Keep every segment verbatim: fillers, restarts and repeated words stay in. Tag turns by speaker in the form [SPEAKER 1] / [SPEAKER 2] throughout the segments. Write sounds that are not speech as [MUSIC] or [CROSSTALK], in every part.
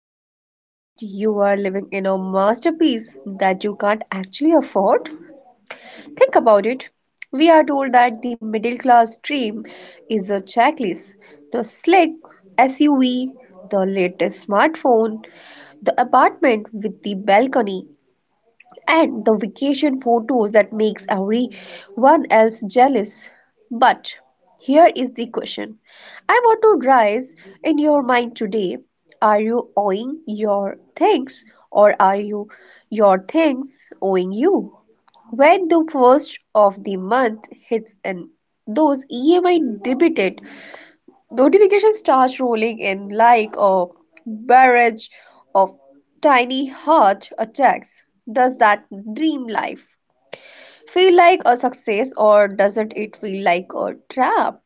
[SPEAKER 1] and realized you are living in a masterpiece that you can't actually afford? Think about it. We are told that the middle class dream is a checklist, the slick S U V, the latest smartphone, the apartment with the balcony, and the vacation photos that makes everyone else jealous. But here is the question. I want to rise in your mind today. Are you owing your things or are you your things owing you? When the first of the month hits and those E M I debited notifications start rolling in like a barrage of tiny heart attacks. Does that dream life feel like a success or doesn't it feel like a trap?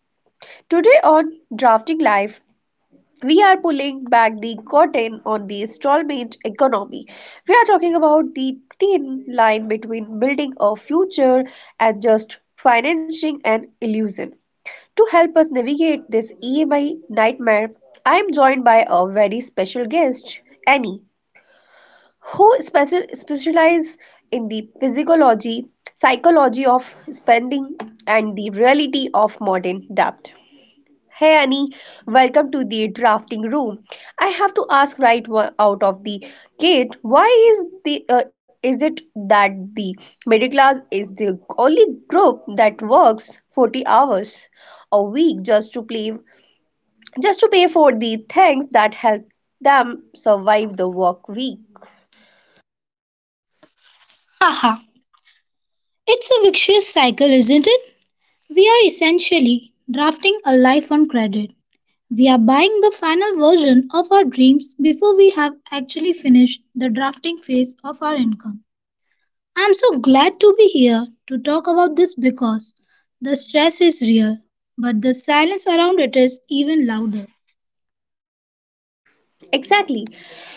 [SPEAKER 1] Today on Drafting Life, we are pulling back the curtain on the installment economy. We are talking about the thin line between building a future and just financing an illusion. To help us navigate this E M I nightmare, I am joined by a very special guest, Annie, who special specializes in the physiology, psychology of spending, and the reality of modern debt. Hey Annie, welcome to the drafting room. I have to ask, right wa- out of the gate, why is the uh, is it that the middle class is the only group that works forty hours a week just to play just to pay for the things that help them survive the work week?
[SPEAKER 2] Haha, it's a vicious cycle, isn't it? We are essentially drafting a life on credit. We are buying the final version of our dreams before we have actually finished the drafting phase of our income. I'm so glad to be here to talk about this because the stress is real, but the silence around it is even louder.
[SPEAKER 1] Exactly.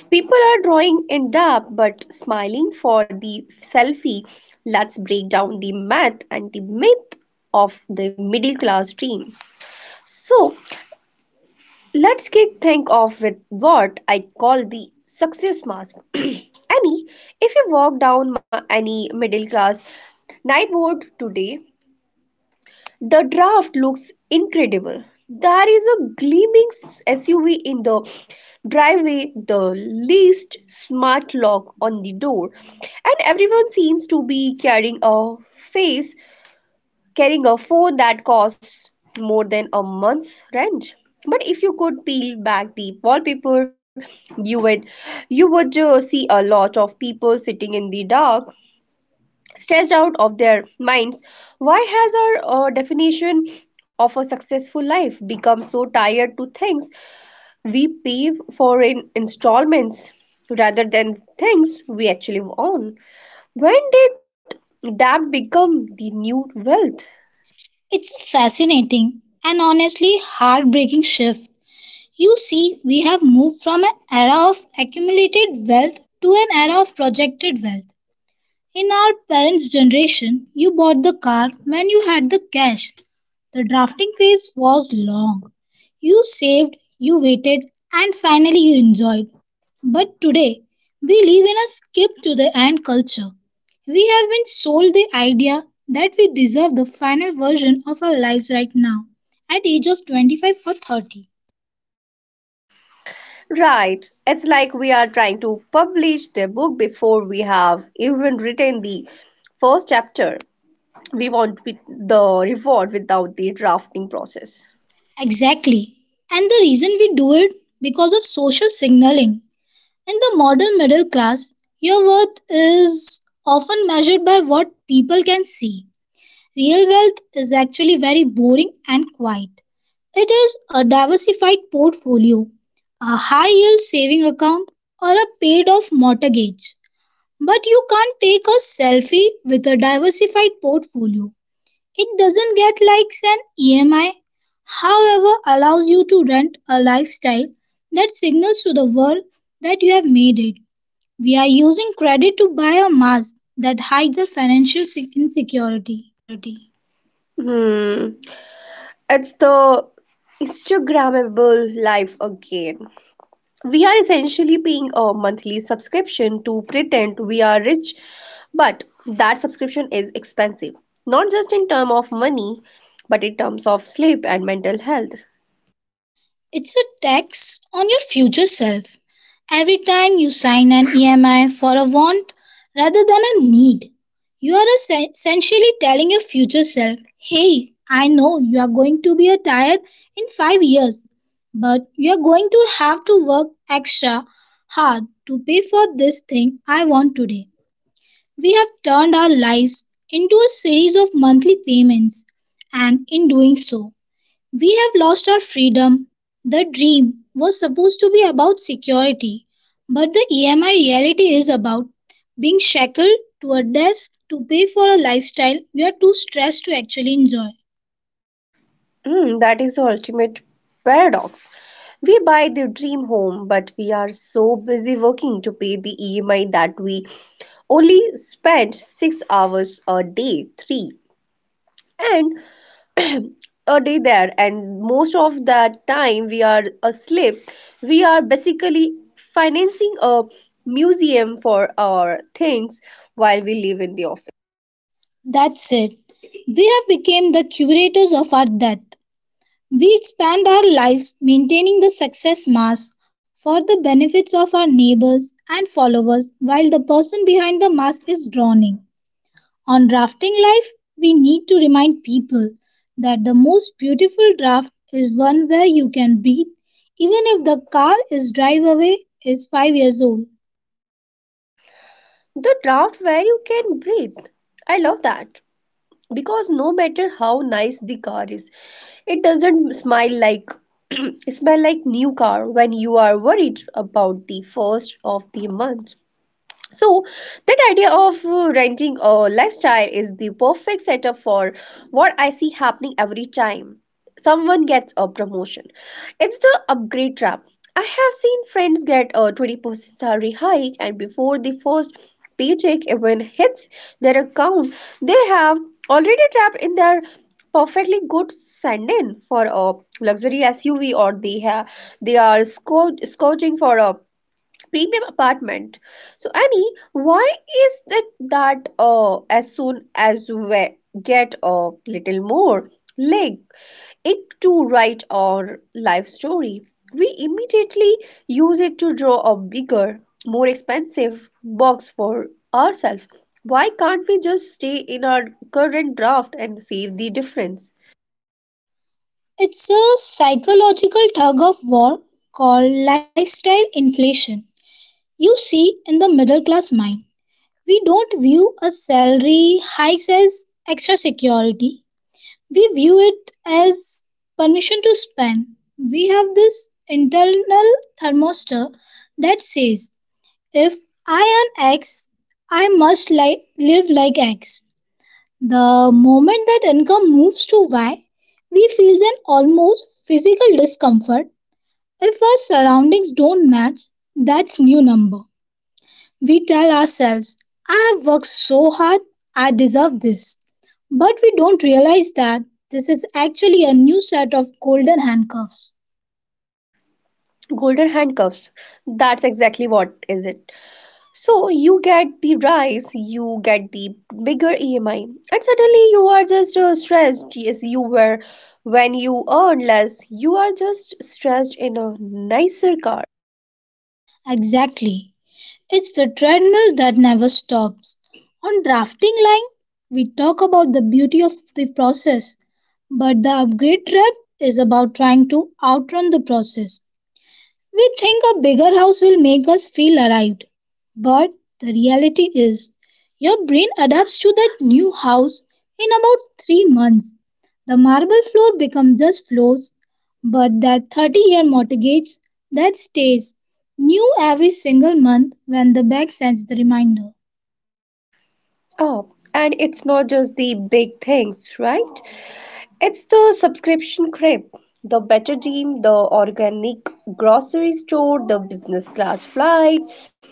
[SPEAKER 1] People are drawing in dub but smiling for the selfie. Let's break down the myth and the myth of the middle class dream. So, let's get think of with what I call the success mask. [CLEARS THROAT] Annie, if you walk down my, any middle class night board today, the draft looks incredible. There is a gleaming S U V in the driveway, the least smart lock on the door, and everyone seems to be carrying a face carrying a phone that costs more than a month's rent. But if you could peel back the wallpaper, you would you would uh, see a lot of people sitting in the dark, stressed out of their minds. Why has our uh, definition of a successful life become so tied to things we pay for in installments rather than things we actually own? When did that become the new wealth?
[SPEAKER 2] It's a fascinating and honestly heartbreaking shift. You see, we have moved from an era of accumulated wealth to an era of projected wealth. In our parents' generation, you bought the car when you had the cash. The drafting phase was long. You saved, you waited, and finally you enjoyed. But today, we live in a skip to the end culture. We have been sold the idea that we deserve the final version of our lives right now at age of twenty-five or thirty.
[SPEAKER 1] Right, it's like we are trying to publish the book before we have even written the first chapter. We want with- the reward without the drafting process.
[SPEAKER 2] Exactly. And the reason we do it because of social signaling. In the modern middle class, your worth is often measured by what people can see. Real wealth is actually very boring and quiet. It is a diversified portfolio, a high yield saving account, or a paid off mortgage. But you can't take a selfie with a diversified portfolio. It doesn't get likes an E M I, however, allows you to rent a lifestyle that signals to the world that you have made it. We are using credit to buy a mask that hides our financial se- insecurity.
[SPEAKER 1] Insecurity. Hmm. It's the Instagrammable life again. We are essentially paying a monthly subscription to pretend we are rich, but that subscription is expensive, not just in terms of money, but in terms of sleep and mental health.
[SPEAKER 2] It's a tax on your future self. Every time you sign an E M I for a want rather than a need, you are essen- essentially telling your future self, hey, I know you are going to be retired in five years, but you are going to have to work extra hard to pay for this thing I want today. We have turned our lives into a series of monthly payments, and in doing so, we have lost our freedom. The dream was supposed to be about security, but the E M I reality is about being shackled to a desk to pay for a lifestyle we are too stressed to actually enjoy.
[SPEAKER 1] Hmm, that is the ultimate paradox. We buy the dream home, but we are so busy working to pay the E M I that we only spend six hours a day, three. And [CLEARS THROAT] a day there, and most of that time we are asleep. We are basically financing a museum for our things while we live in the office.
[SPEAKER 2] That's it. We have become the curators of our death. We spend our lives maintaining the success mask for the benefits of our neighbors and followers while the person behind the mask is drowning. On drafting life, we need to remind people that the most beautiful draft is one where you can breathe even if the car is drive away is five years old.
[SPEAKER 1] The draft where you can breathe, I love that, because no matter how nice the car is, it doesn't smile like [CLEARS THROAT] smell like new car when you are worried about the first of the month. So, that idea of uh, renting a lifestyle is the perfect setup for what I see happening every time someone gets a promotion. It's the upgrade trap. I have seen friends get a twenty percent salary hike, and before the first paycheck even hits their account, they have already trapped in their perfectly good send-in for a luxury S U V, or they have they are scou- scouting for a premium apartment. So Annie, why is it that uh, as soon as we get a little more leg it to write our life story, we immediately use it to draw a bigger, more expensive box for ourselves? Why can't we just stay in our current draft and save the difference?
[SPEAKER 2] It's a psychological tug of war called lifestyle inflation. You see in the middle class mind. We don't view a salary hike as extra security. We view it as permission to spend. We have this internal thermostat that says, if I earn X, I must li- live like X. The moment that income moves to Y, we feel an almost physical discomfort if our surroundings don't match that's new number we tell ourselves, I have worked so hard, I deserve this. But we don't realize that this is actually a new set of golden handcuffs.
[SPEAKER 1] Golden handcuffs. That's exactly what is it. So you get the rise, you get the bigger E M I, and suddenly you are just uh, stressed as you were when you earn less. You are just stressed in a nicer car.
[SPEAKER 2] Exactly. It's the treadmill that never stops. On drafting line, we talk about the beauty of the process, but the upgrade trap is about trying to outrun the process. We think a bigger house will make us feel arrived, but the reality is your brain adapts to that new house in about three months. The marble floor becomes just floors, but that thirty year mortgage that stays new every single month when the bank sends the reminder.
[SPEAKER 1] Oh, and it's not just the big things, right? It's the subscription creep, the better deal, the organic grocery store, the business class flight.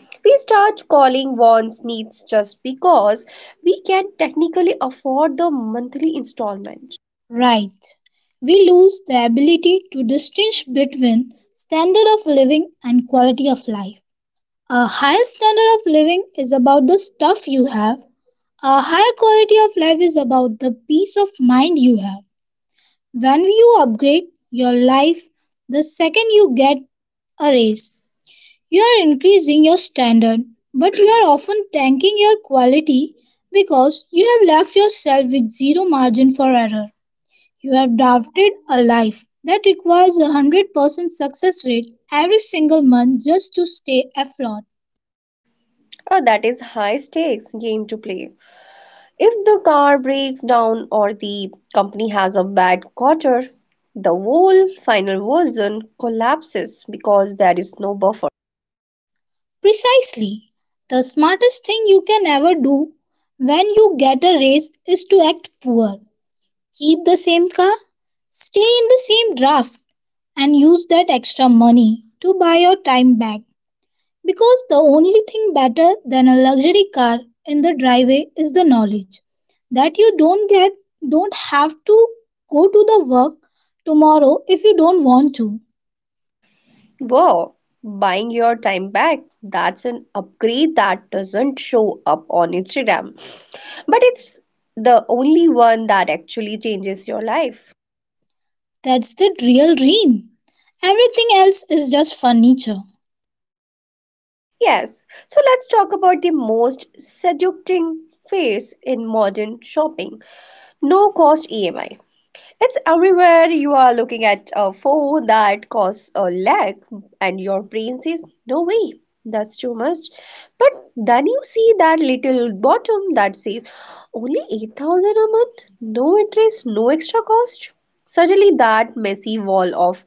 [SPEAKER 1] We start calling wants needs just because we can technically afford the monthly installment.
[SPEAKER 2] Right. We lose the ability to distinguish between standard of living and quality of life. A higher standard of living is about the stuff you have. A higher quality of life is about the peace of mind you have. When you upgrade your life, the second you get a raise, you are increasing your standard, but you are often tanking your quality because you have left yourself with zero margin for error. You have drafted a life that requires a one hundred percent success rate every single month just to stay afloat.
[SPEAKER 1] Uh, that is high stakes game to play. If the car breaks down or the company has a bad quarter, the whole final version collapses because there is no buffer.
[SPEAKER 2] Precisely. The smartest thing you can ever do when you get a raise is to act poor. Keep the same car, stay in the same draft, and use that extra money to buy your time back. Because the only thing better than a luxury car in the driveway is the knowledge that you don't get don't have to go to the work tomorrow if you don't want to.
[SPEAKER 1] Wow, buying your time back. That's an upgrade that doesn't show up on Instagram, but it's the only one that actually changes your life.
[SPEAKER 2] That's the real dream. Everything else is just furniture.
[SPEAKER 1] Yes, so let's talk about the most seducing phase in modern shopping, no cost E M I. It's everywhere. You are looking at a phone that costs a lakh, and your brain says, "No way, that's too much." But then you see that little bottom that says, "Only eight thousand a month, no interest, no extra cost." Suddenly, that messy wall of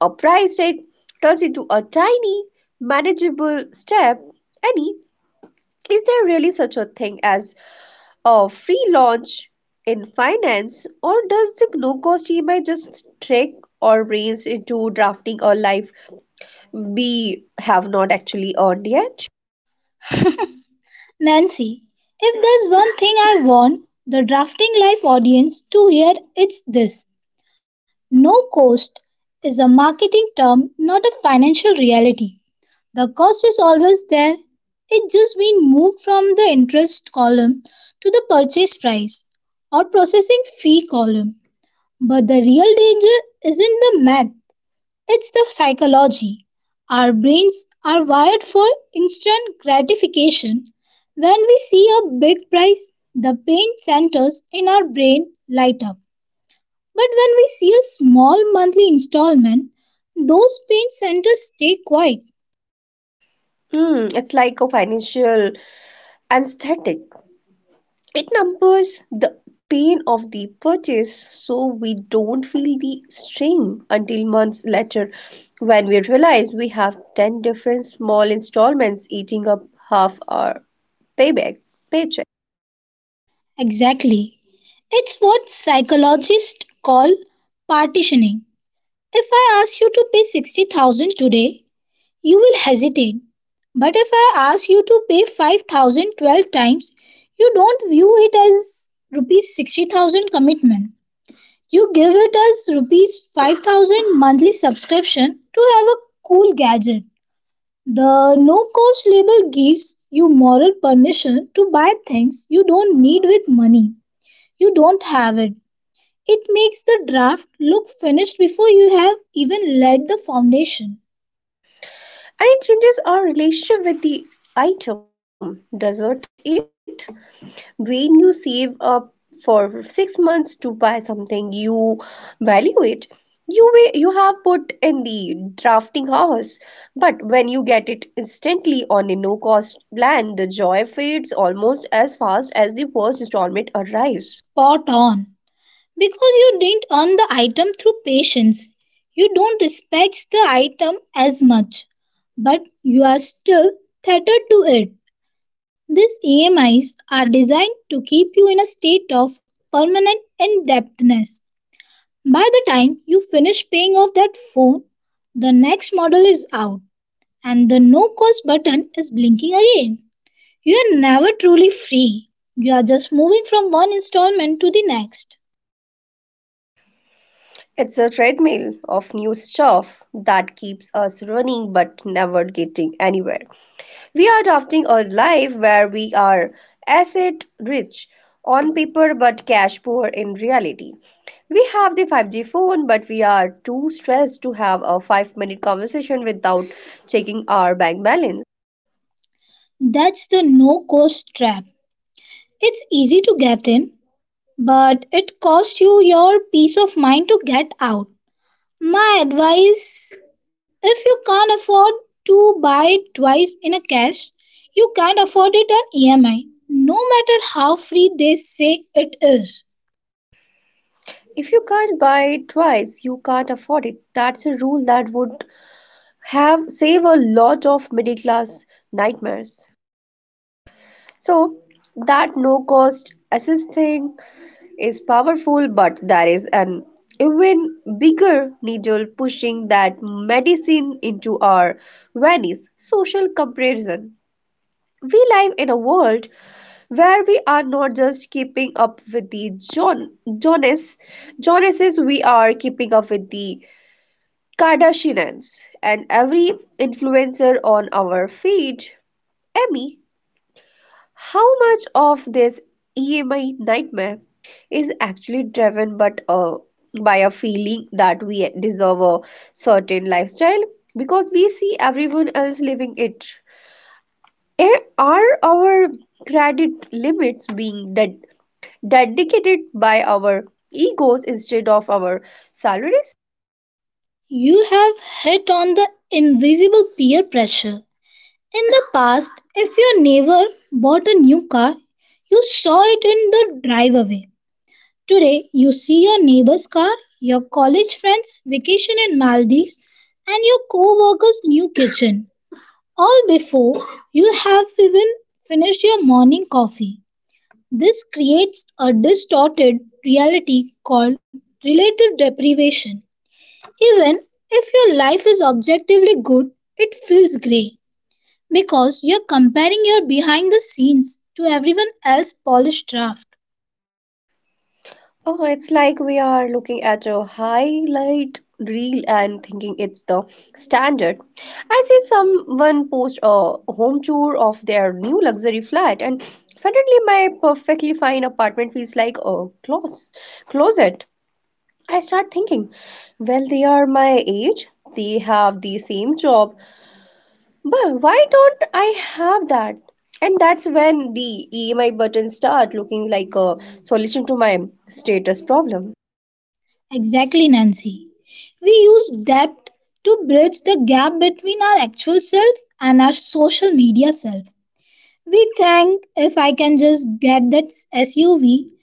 [SPEAKER 1] a price tag turns into a tiny, manageable step. Any, is there really such a thing as a free launch in finance, or does the no cost E M I just trick our brains into drafting a life we have not actually earned yet?
[SPEAKER 2] Nancy, if there's one thing I want the Drafting Life audience to hear, it's this: no cost is a marketing term, not a financial reality. The cost is always there, it just been moved from the interest column to the purchase price or processing fee column. But the real danger isn't the math, it's the psychology. Our brains are wired for instant gratification. When we see a big prize, the pain centers in our brain light up. But when we see a small monthly installment, those pain centers stay quiet.
[SPEAKER 1] Hmm, it's like a financial anesthetic. It numbs the pain of the purchase so we don't feel the strain until months later when we realize we have ten different small installments eating up half our payback paycheck.
[SPEAKER 2] Exactly. It's what psychologists call partitioning. If I ask you to pay sixty thousand today, you will hesitate. But if I ask you to pay five thousand twelve times, you don't view it as rupees sixty thousand commitment. You give it as rupees five thousand monthly subscription to have a cool gadget. The no cost label gives you moral permission to buy things you don't need with money. You don't have it. It makes the draft look finished before you have even laid the foundation.
[SPEAKER 1] And it changes our relationship with the item, doesn't it? When you save up for six months to buy something, you value it. You wa- you have put in the drafting house, but when you get it instantly on a no-cost plan, the joy fades almost as fast as the first installment arrives.
[SPEAKER 2] Spot on. Because you didn't earn the item through patience. You don't respect the item as much, but you are still tethered to it. These E M Is are designed to keep you in a state of permanent indebtedness. By the time you finish paying off that phone, the next model is out and the no cost button is blinking again. You are never truly free. You are just moving from one installment to the next.
[SPEAKER 1] It's a treadmill of new stuff that keeps us running but never getting anywhere. We are adopting a life where we are asset rich on paper but cash poor in reality. We have the five G phone, but we are too stressed to have a five minute conversation without checking our bank balance.
[SPEAKER 2] That's the no cost trap. It's easy to get in, but it costs you your peace of mind to get out. My advice: if you can't afford to buy it twice in a cash, you can't afford it on E M I, no matter how free they say it is.
[SPEAKER 1] If you can't buy it twice, you can't afford it. That's a rule that would have saved a lot of middle class nightmares. So, that no cost assisting is powerful, but there is an even bigger needle pushing that medicine into our veins, social comparison. We live in a world where we are not just keeping up with the John Jonas Jonases, we are keeping up with the Kardashians and every influencer on our feed. Emmy, how much of this E M I nightmare is actually driven but uh, by a feeling that we deserve a certain lifestyle because we see everyone else living it? Eh, are our credit limits being ded- dedicated by our egos instead of our salaries?
[SPEAKER 2] You have hit on the invisible peer pressure. In the past, if your neighbor bought a new car, you saw it in the driveway. Today, you see your neighbor's car, your college friend's vacation in Maldives, and your coworker's new kitchen, all before you have even finished your morning coffee. This creates a distorted reality called relative deprivation. Even if your life is objectively good, it feels grey because you're comparing your behind the scenes to everyone else's polished draft.
[SPEAKER 1] Oh, it's like we are looking at a highlight reel and thinking it's the standard. I see someone post a home tour of their new luxury flat, and suddenly my perfectly fine apartment feels like a clos closet. I start thinking, well, they are my age, they have the same job, but why don't I have that? And that's when the E M I buttons start looking like a solution to my status problem.
[SPEAKER 2] Exactly, Nancy. We use that to bridge the gap between our actual self and our social media self. We think if I can just get that S U V,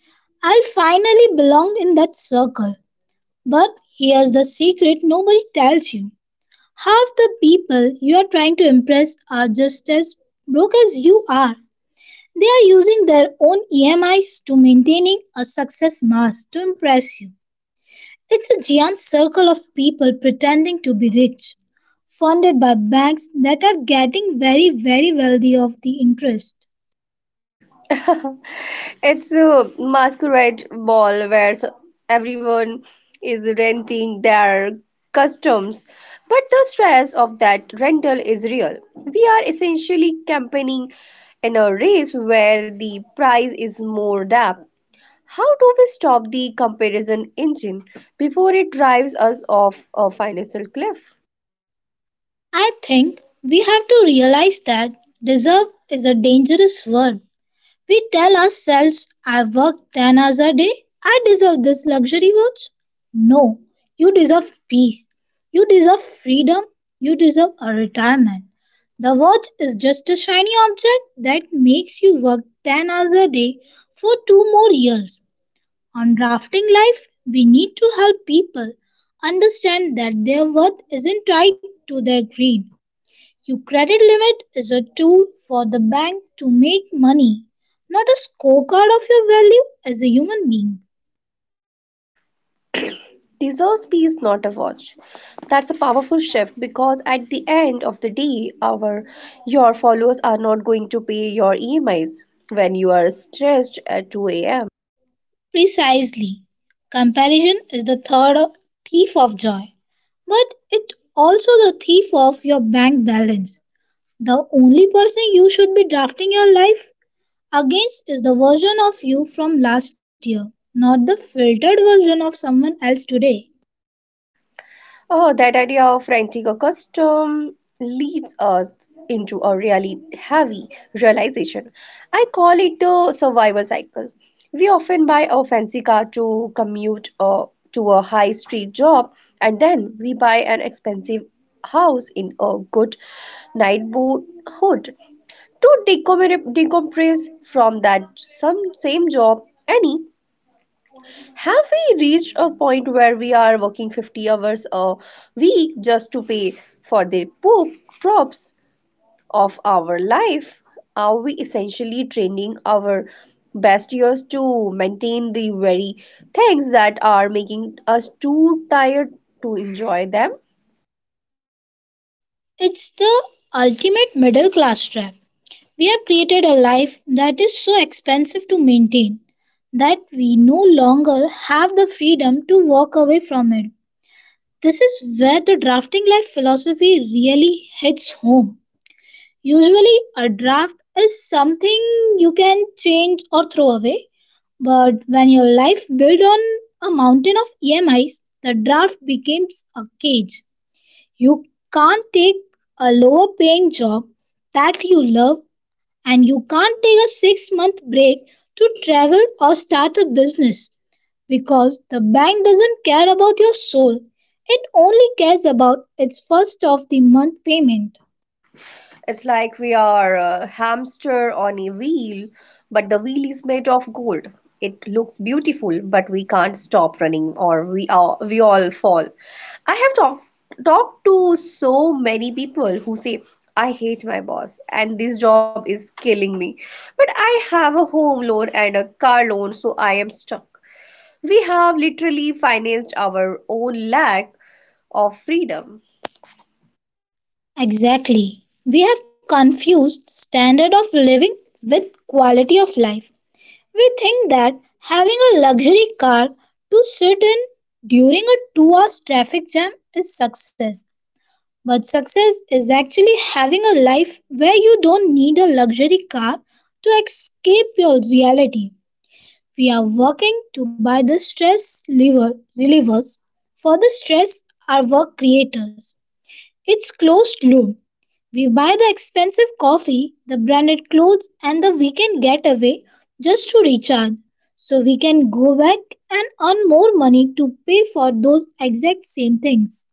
[SPEAKER 2] I'll finally belong in that circle. But here's the secret nobody tells you. Half the people you are trying to impress are just as broke as you are. They are using their own E M Is to maintaining a success mask to impress you. It's a giant circle of people pretending to be rich, funded by banks that are getting very, very wealthy off the interest.
[SPEAKER 1] [LAUGHS] It's a masquerade ball where s- everyone is renting their costumes, but the stress of that rental is real. We are essentially campaigning in a race where the prize is more depth. How do we stop the comparison engine before it drives us off a financial cliff?
[SPEAKER 2] I think we have to realize that deserve is a dangerous word. We tell ourselves, I worked ten hours a day, I deserve this luxury watch. No, you deserve peace. You deserve freedom. You deserve a retirement. The watch is just a shiny object that makes you work ten hours a day for two more years. On drafting life, we need to help people understand that their worth isn't tied to their greed. Your credit limit is a tool for the bank to make money, not a scorecard of your value as a human being.
[SPEAKER 1] Deserves peace, not a watch. That's a powerful shift because at the end of the day, our your followers are not going to pay your E M Is when you are stressed at two a m.
[SPEAKER 2] Precisely. Comparison is the third thief of joy, but it also the thief of your bank balance. The only person you should be drafting your life against is the version of you from last year, not the filtered version of someone else today.
[SPEAKER 1] Oh, that idea of renting a custom leads us into a really heavy realization. I call it the survival cycle. We often buy a fancy car to commute uh, to a high street job, and then we buy an expensive house in a good neighborhood to decommere- decompress from that some same job. Annie, have we reached a point where we are working fifty hours a week just to pay for the poop drops of our life? Are we essentially training our best years to maintain the very things that are making us too tired to enjoy them?
[SPEAKER 2] It's the ultimate middle class trap. We have created a life that is so expensive to maintain that we no longer have the freedom to walk away from it. This is where the drafting life philosophy really hits home. Usually, a draft is something you can change or throw away, but when your life built on a mountain of E M Is, the draft becomes a cage. You can't take a lower paying job that you love and you can't take a six month break to travel or start a business because the bank doesn't care about your soul. It only cares about its first of the month payment.
[SPEAKER 1] It's like we are a hamster on a wheel, but the wheel is made of gold. It looks beautiful, but we can't stop running or we are, we all fall. I have talked talked to so many people who say I hate my boss and this job is killing me. But I have a home loan and a car loan, so I am stuck. We have literally financed our own lack of freedom.
[SPEAKER 2] Exactly. We have confused standard of living with quality of life. We think that having a luxury car to sit in during a two hours traffic jam is success. But success is actually having a life where you don't need a luxury car to escape your reality. We are working to buy the stress lever, relievers. For the stress, are work creators. It's closed loop. We buy the expensive coffee, the branded clothes, and the weekend getaway just to recharge so we can go back and earn more money to pay for those exact same things.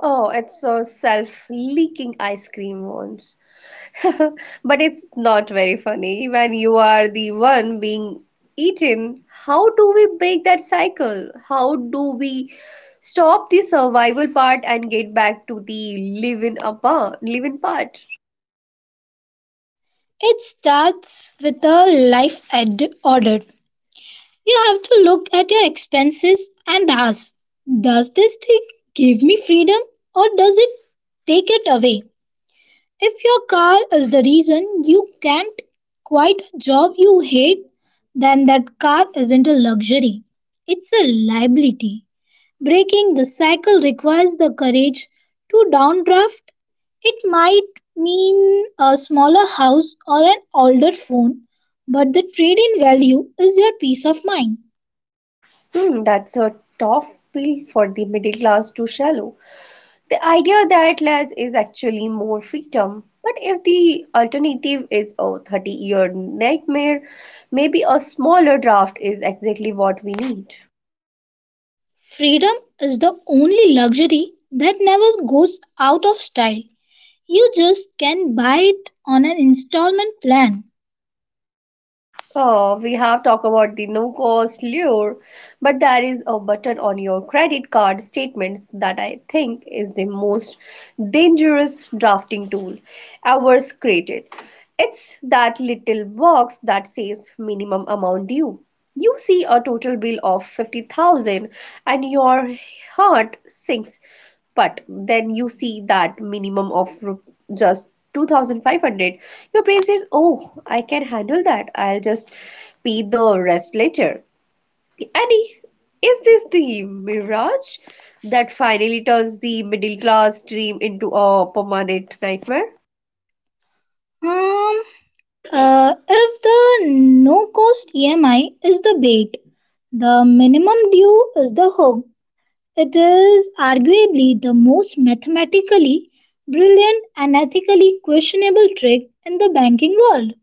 [SPEAKER 1] Oh, it's those self-leaking ice cream ones. [LAUGHS] But it's not very funny when you are the one being eaten. How do we break that cycle? How do we stop the survival part and get back to the living apart, living part?
[SPEAKER 2] It starts with a life ad- audit. You have to look at your expenses and ask, does this thing give me freedom or does it take it away? If your car is the reason you can't quit a job you hate, then that car isn't a luxury, it's a liability. Breaking the cycle requires the courage to downdraft. It might mean a smaller house or an older phone, but the trade in value is your peace of mind.
[SPEAKER 1] Hmm, that's a tough pill for the middle class to swallow. The idea that less is actually more freedom. But if the alternative is a thirty year nightmare, maybe a smaller draft is exactly what we need.
[SPEAKER 2] Freedom is the only luxury that never goes out of style. You just can buy it on an installment plan.
[SPEAKER 1] Oh, we have talked about the no-cost lure, but there is a button on your credit card statements that I think is the most dangerous drafting tool ever created. It's that little box that says minimum amount due. You see a total bill of fifty thousand and your heart sinks, but then you see that minimum of ru- just two thousand five hundred. Your brain says, oh, I can handle that. I'll just pay the rest later. Annie, is this the mirage that finally turns the middle class dream into a permanent nightmare?
[SPEAKER 2] Um, uh, if the no cost E M I is the bait, the minimum due is the hook. It is arguably the most mathematically brilliant and ethically questionable trick in the banking world.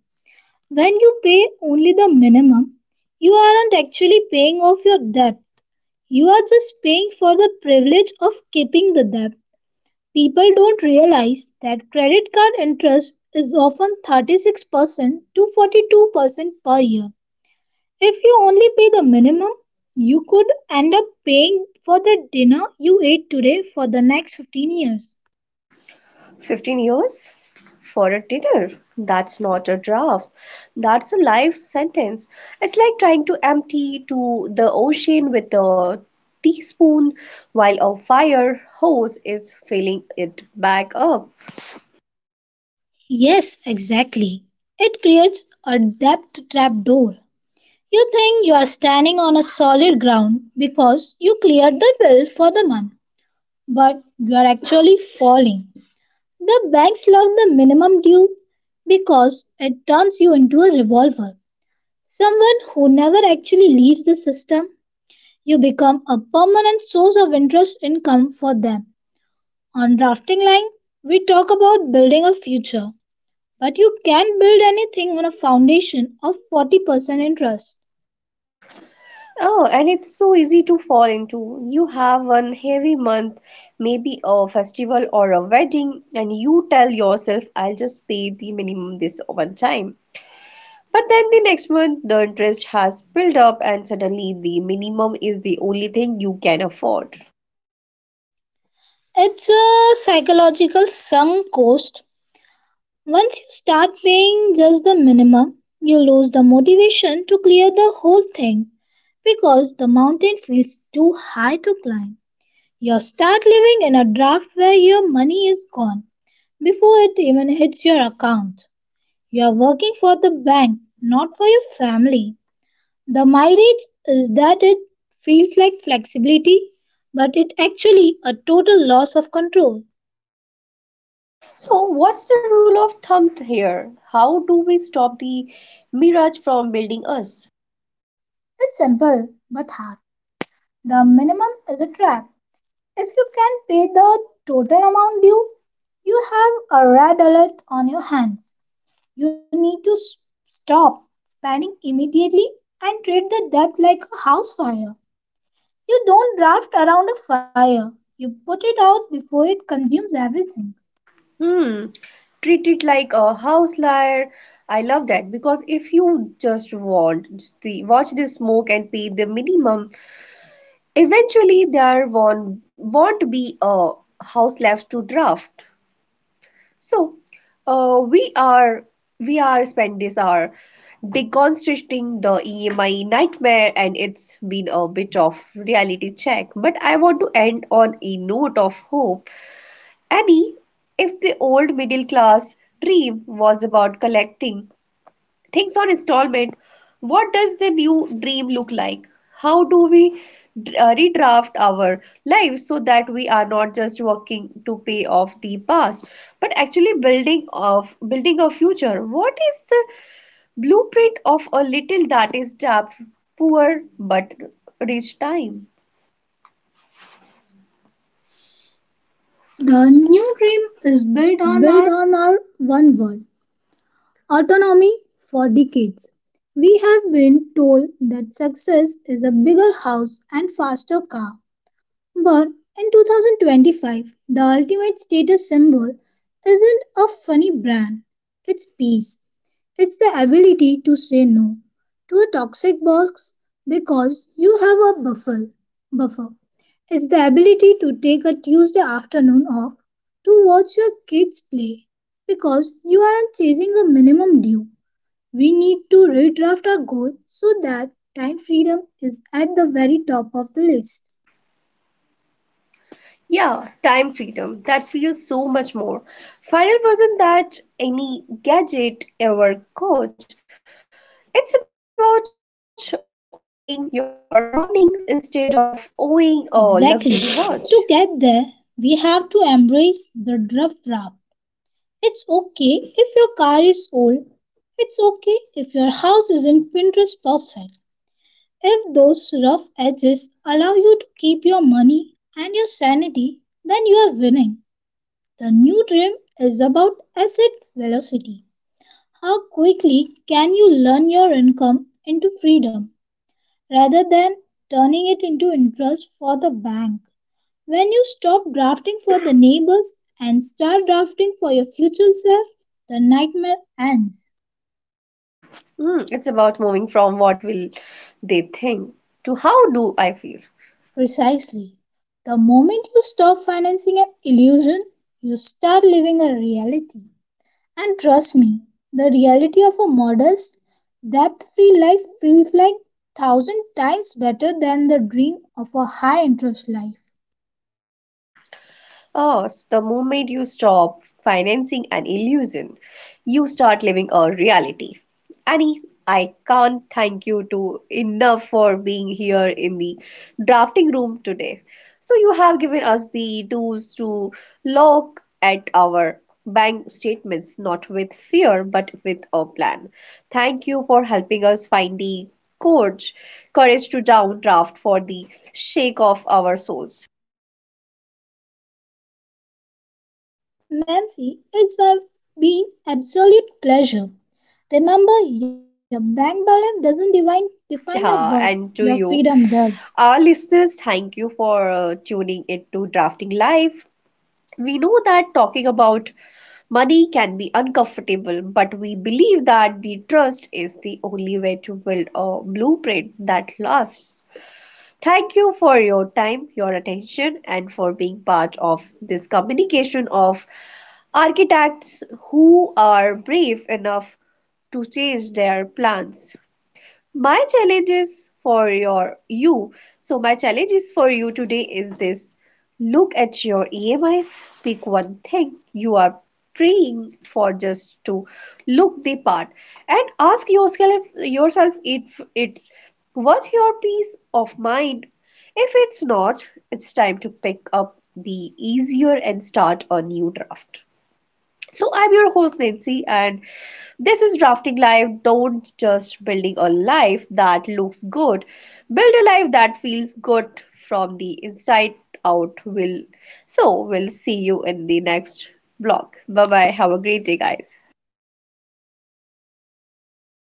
[SPEAKER 2] When you pay only the minimum, you aren't actually paying off your debt. You are just paying for the privilege of keeping the debt. People don't realize that credit card interest is often thirty-six percent to forty-two percent per year. If you only pay the minimum, you could end up paying for the dinner you ate today for the next fifteen years.
[SPEAKER 1] fifteen years for a dinner. That's not a draft. That's a life sentence. It's like trying to empty to the ocean with a teaspoon while a fire hose is filling it back up.
[SPEAKER 2] Yes, exactly. It creates a debt trap door. You think you are standing on a solid ground because you cleared the bill for the month, but you are actually falling. The banks love the minimum due because it turns you into a revolver. Someone who never actually leaves the system, you become a permanent source of interest income for them. On drafting line, we talk about building a future, but you can't build anything on a foundation of forty percent interest.
[SPEAKER 1] Oh, and it's so easy to fall into. You have one heavy month, maybe a festival or a wedding, and you tell yourself, I'll just pay the minimum this one time. But then the next month, the interest has built up, and suddenly the minimum is the only thing you can afford.
[SPEAKER 2] It's a psychological sunk cost. Once you start paying just the minimum, you lose the motivation to clear the whole thing because the mountain feels too high to climb. You start living in a draft where your money is gone before it even hits your account. You are working for the bank, not for your family. The mileage is that it feels like flexibility, but it actually a total loss of control.
[SPEAKER 1] So, what's the rule of thumb here? How do we stop the mirage from building us?
[SPEAKER 2] It's simple but hard. The minimum is a trap. If you can pay the total amount due, you have a red alert on your hands. You need to s- stop spending immediately and treat the debt like a house fire. You don't draft around a fire, you put it out before it consumes everything.
[SPEAKER 1] Hmm, treat it like a house liar. I love that because if you just want the watch the smoke and pay the minimum, eventually there won't won't be a house left to draft. So, uh, we are we are spent this hour deconstructing the E M I nightmare, and it's been a bit of reality check. But I want to end on a note of hope. Annie, if the old middle class dream was about collecting things on installment, what does the new dream look like? How do we uh, redraft our lives so that we are not just working to pay off the past but actually building of building a future? What is the blueprint of a little that is tapped poor but rich time? The
[SPEAKER 2] The
[SPEAKER 1] new
[SPEAKER 2] new
[SPEAKER 1] dream
[SPEAKER 2] dream
[SPEAKER 1] is
[SPEAKER 2] is
[SPEAKER 1] built
[SPEAKER 2] built
[SPEAKER 1] on
[SPEAKER 2] on
[SPEAKER 1] our
[SPEAKER 2] our one word, autonomy. For decades, we have been told that success is a bigger house and faster car. But in twenty twenty-five, the ultimate status symbol isn't a funny brand, it's peace. It's the ability to say no to a toxic box because you have a buffer. Buffer. It's the ability to take a Tuesday afternoon off to watch your kids play because you aren't chasing a minimum due. We need to redraft our goal so that time freedom is at the very top of the list.
[SPEAKER 1] yeah, time freedom. That feels so much more. Final version that any gadget ever could. It's about owning your mornings instead of owning a luxury watch.
[SPEAKER 2] Exactly. To get there, we have to embrace the rough draft. It's okay if your car is old. It's okay if your house isn't Pinterest perfect. If those rough edges allow you to keep your money and your sanity, then you are winning. The new dream is about asset velocity. How quickly can you learn your income into freedom rather than turning it into interest for the bank? When you stop drafting for the neighbors and start drafting for your future self, the nightmare ends.
[SPEAKER 1] Hmm, it's about moving from what will they think to how do I feel.
[SPEAKER 2] Precisely. The moment you stop financing an illusion, you start living a reality. And trust me, the reality of a modest, debt free life feels like thousand times better than the dream of a high interest life.
[SPEAKER 1] Us, the moment you stop financing an illusion, you start living a reality. Annie, I can't thank you to enough for being here in the drafting room today. So you have given us the tools to look at our bank statements not with fear but with a plan. Thank you for helping us find the courage courage to downdraft for the shake of our souls.
[SPEAKER 2] Nancy, it's been absolute pleasure. Remember, your bank balance doesn't define define your worth; your freedom does.
[SPEAKER 1] Yeah, and to you, our listeners, thank you for uh, tuning into Drafting Life. We know that talking about money can be uncomfortable, but we believe that the trust is the only way to build a blueprint that lasts. Thank you for your time, your attention, and for being part of this communication of architects who are brave enough to change their plans. My challenge is for your you so my challenge is for you today is this. Look at your emis, pick one thing you are praying for just to look the part, and ask yourself yourself if it's worth your peace of mind. If it's not, it's time to pick up the easier and start a new draft. So, I'm your host, Nancy, and this is Drafting Life. Don't just building a life that looks good, build a life that feels good from the inside out. Will so, we'll see you in the next blog. Bye bye. Have a great day, guys.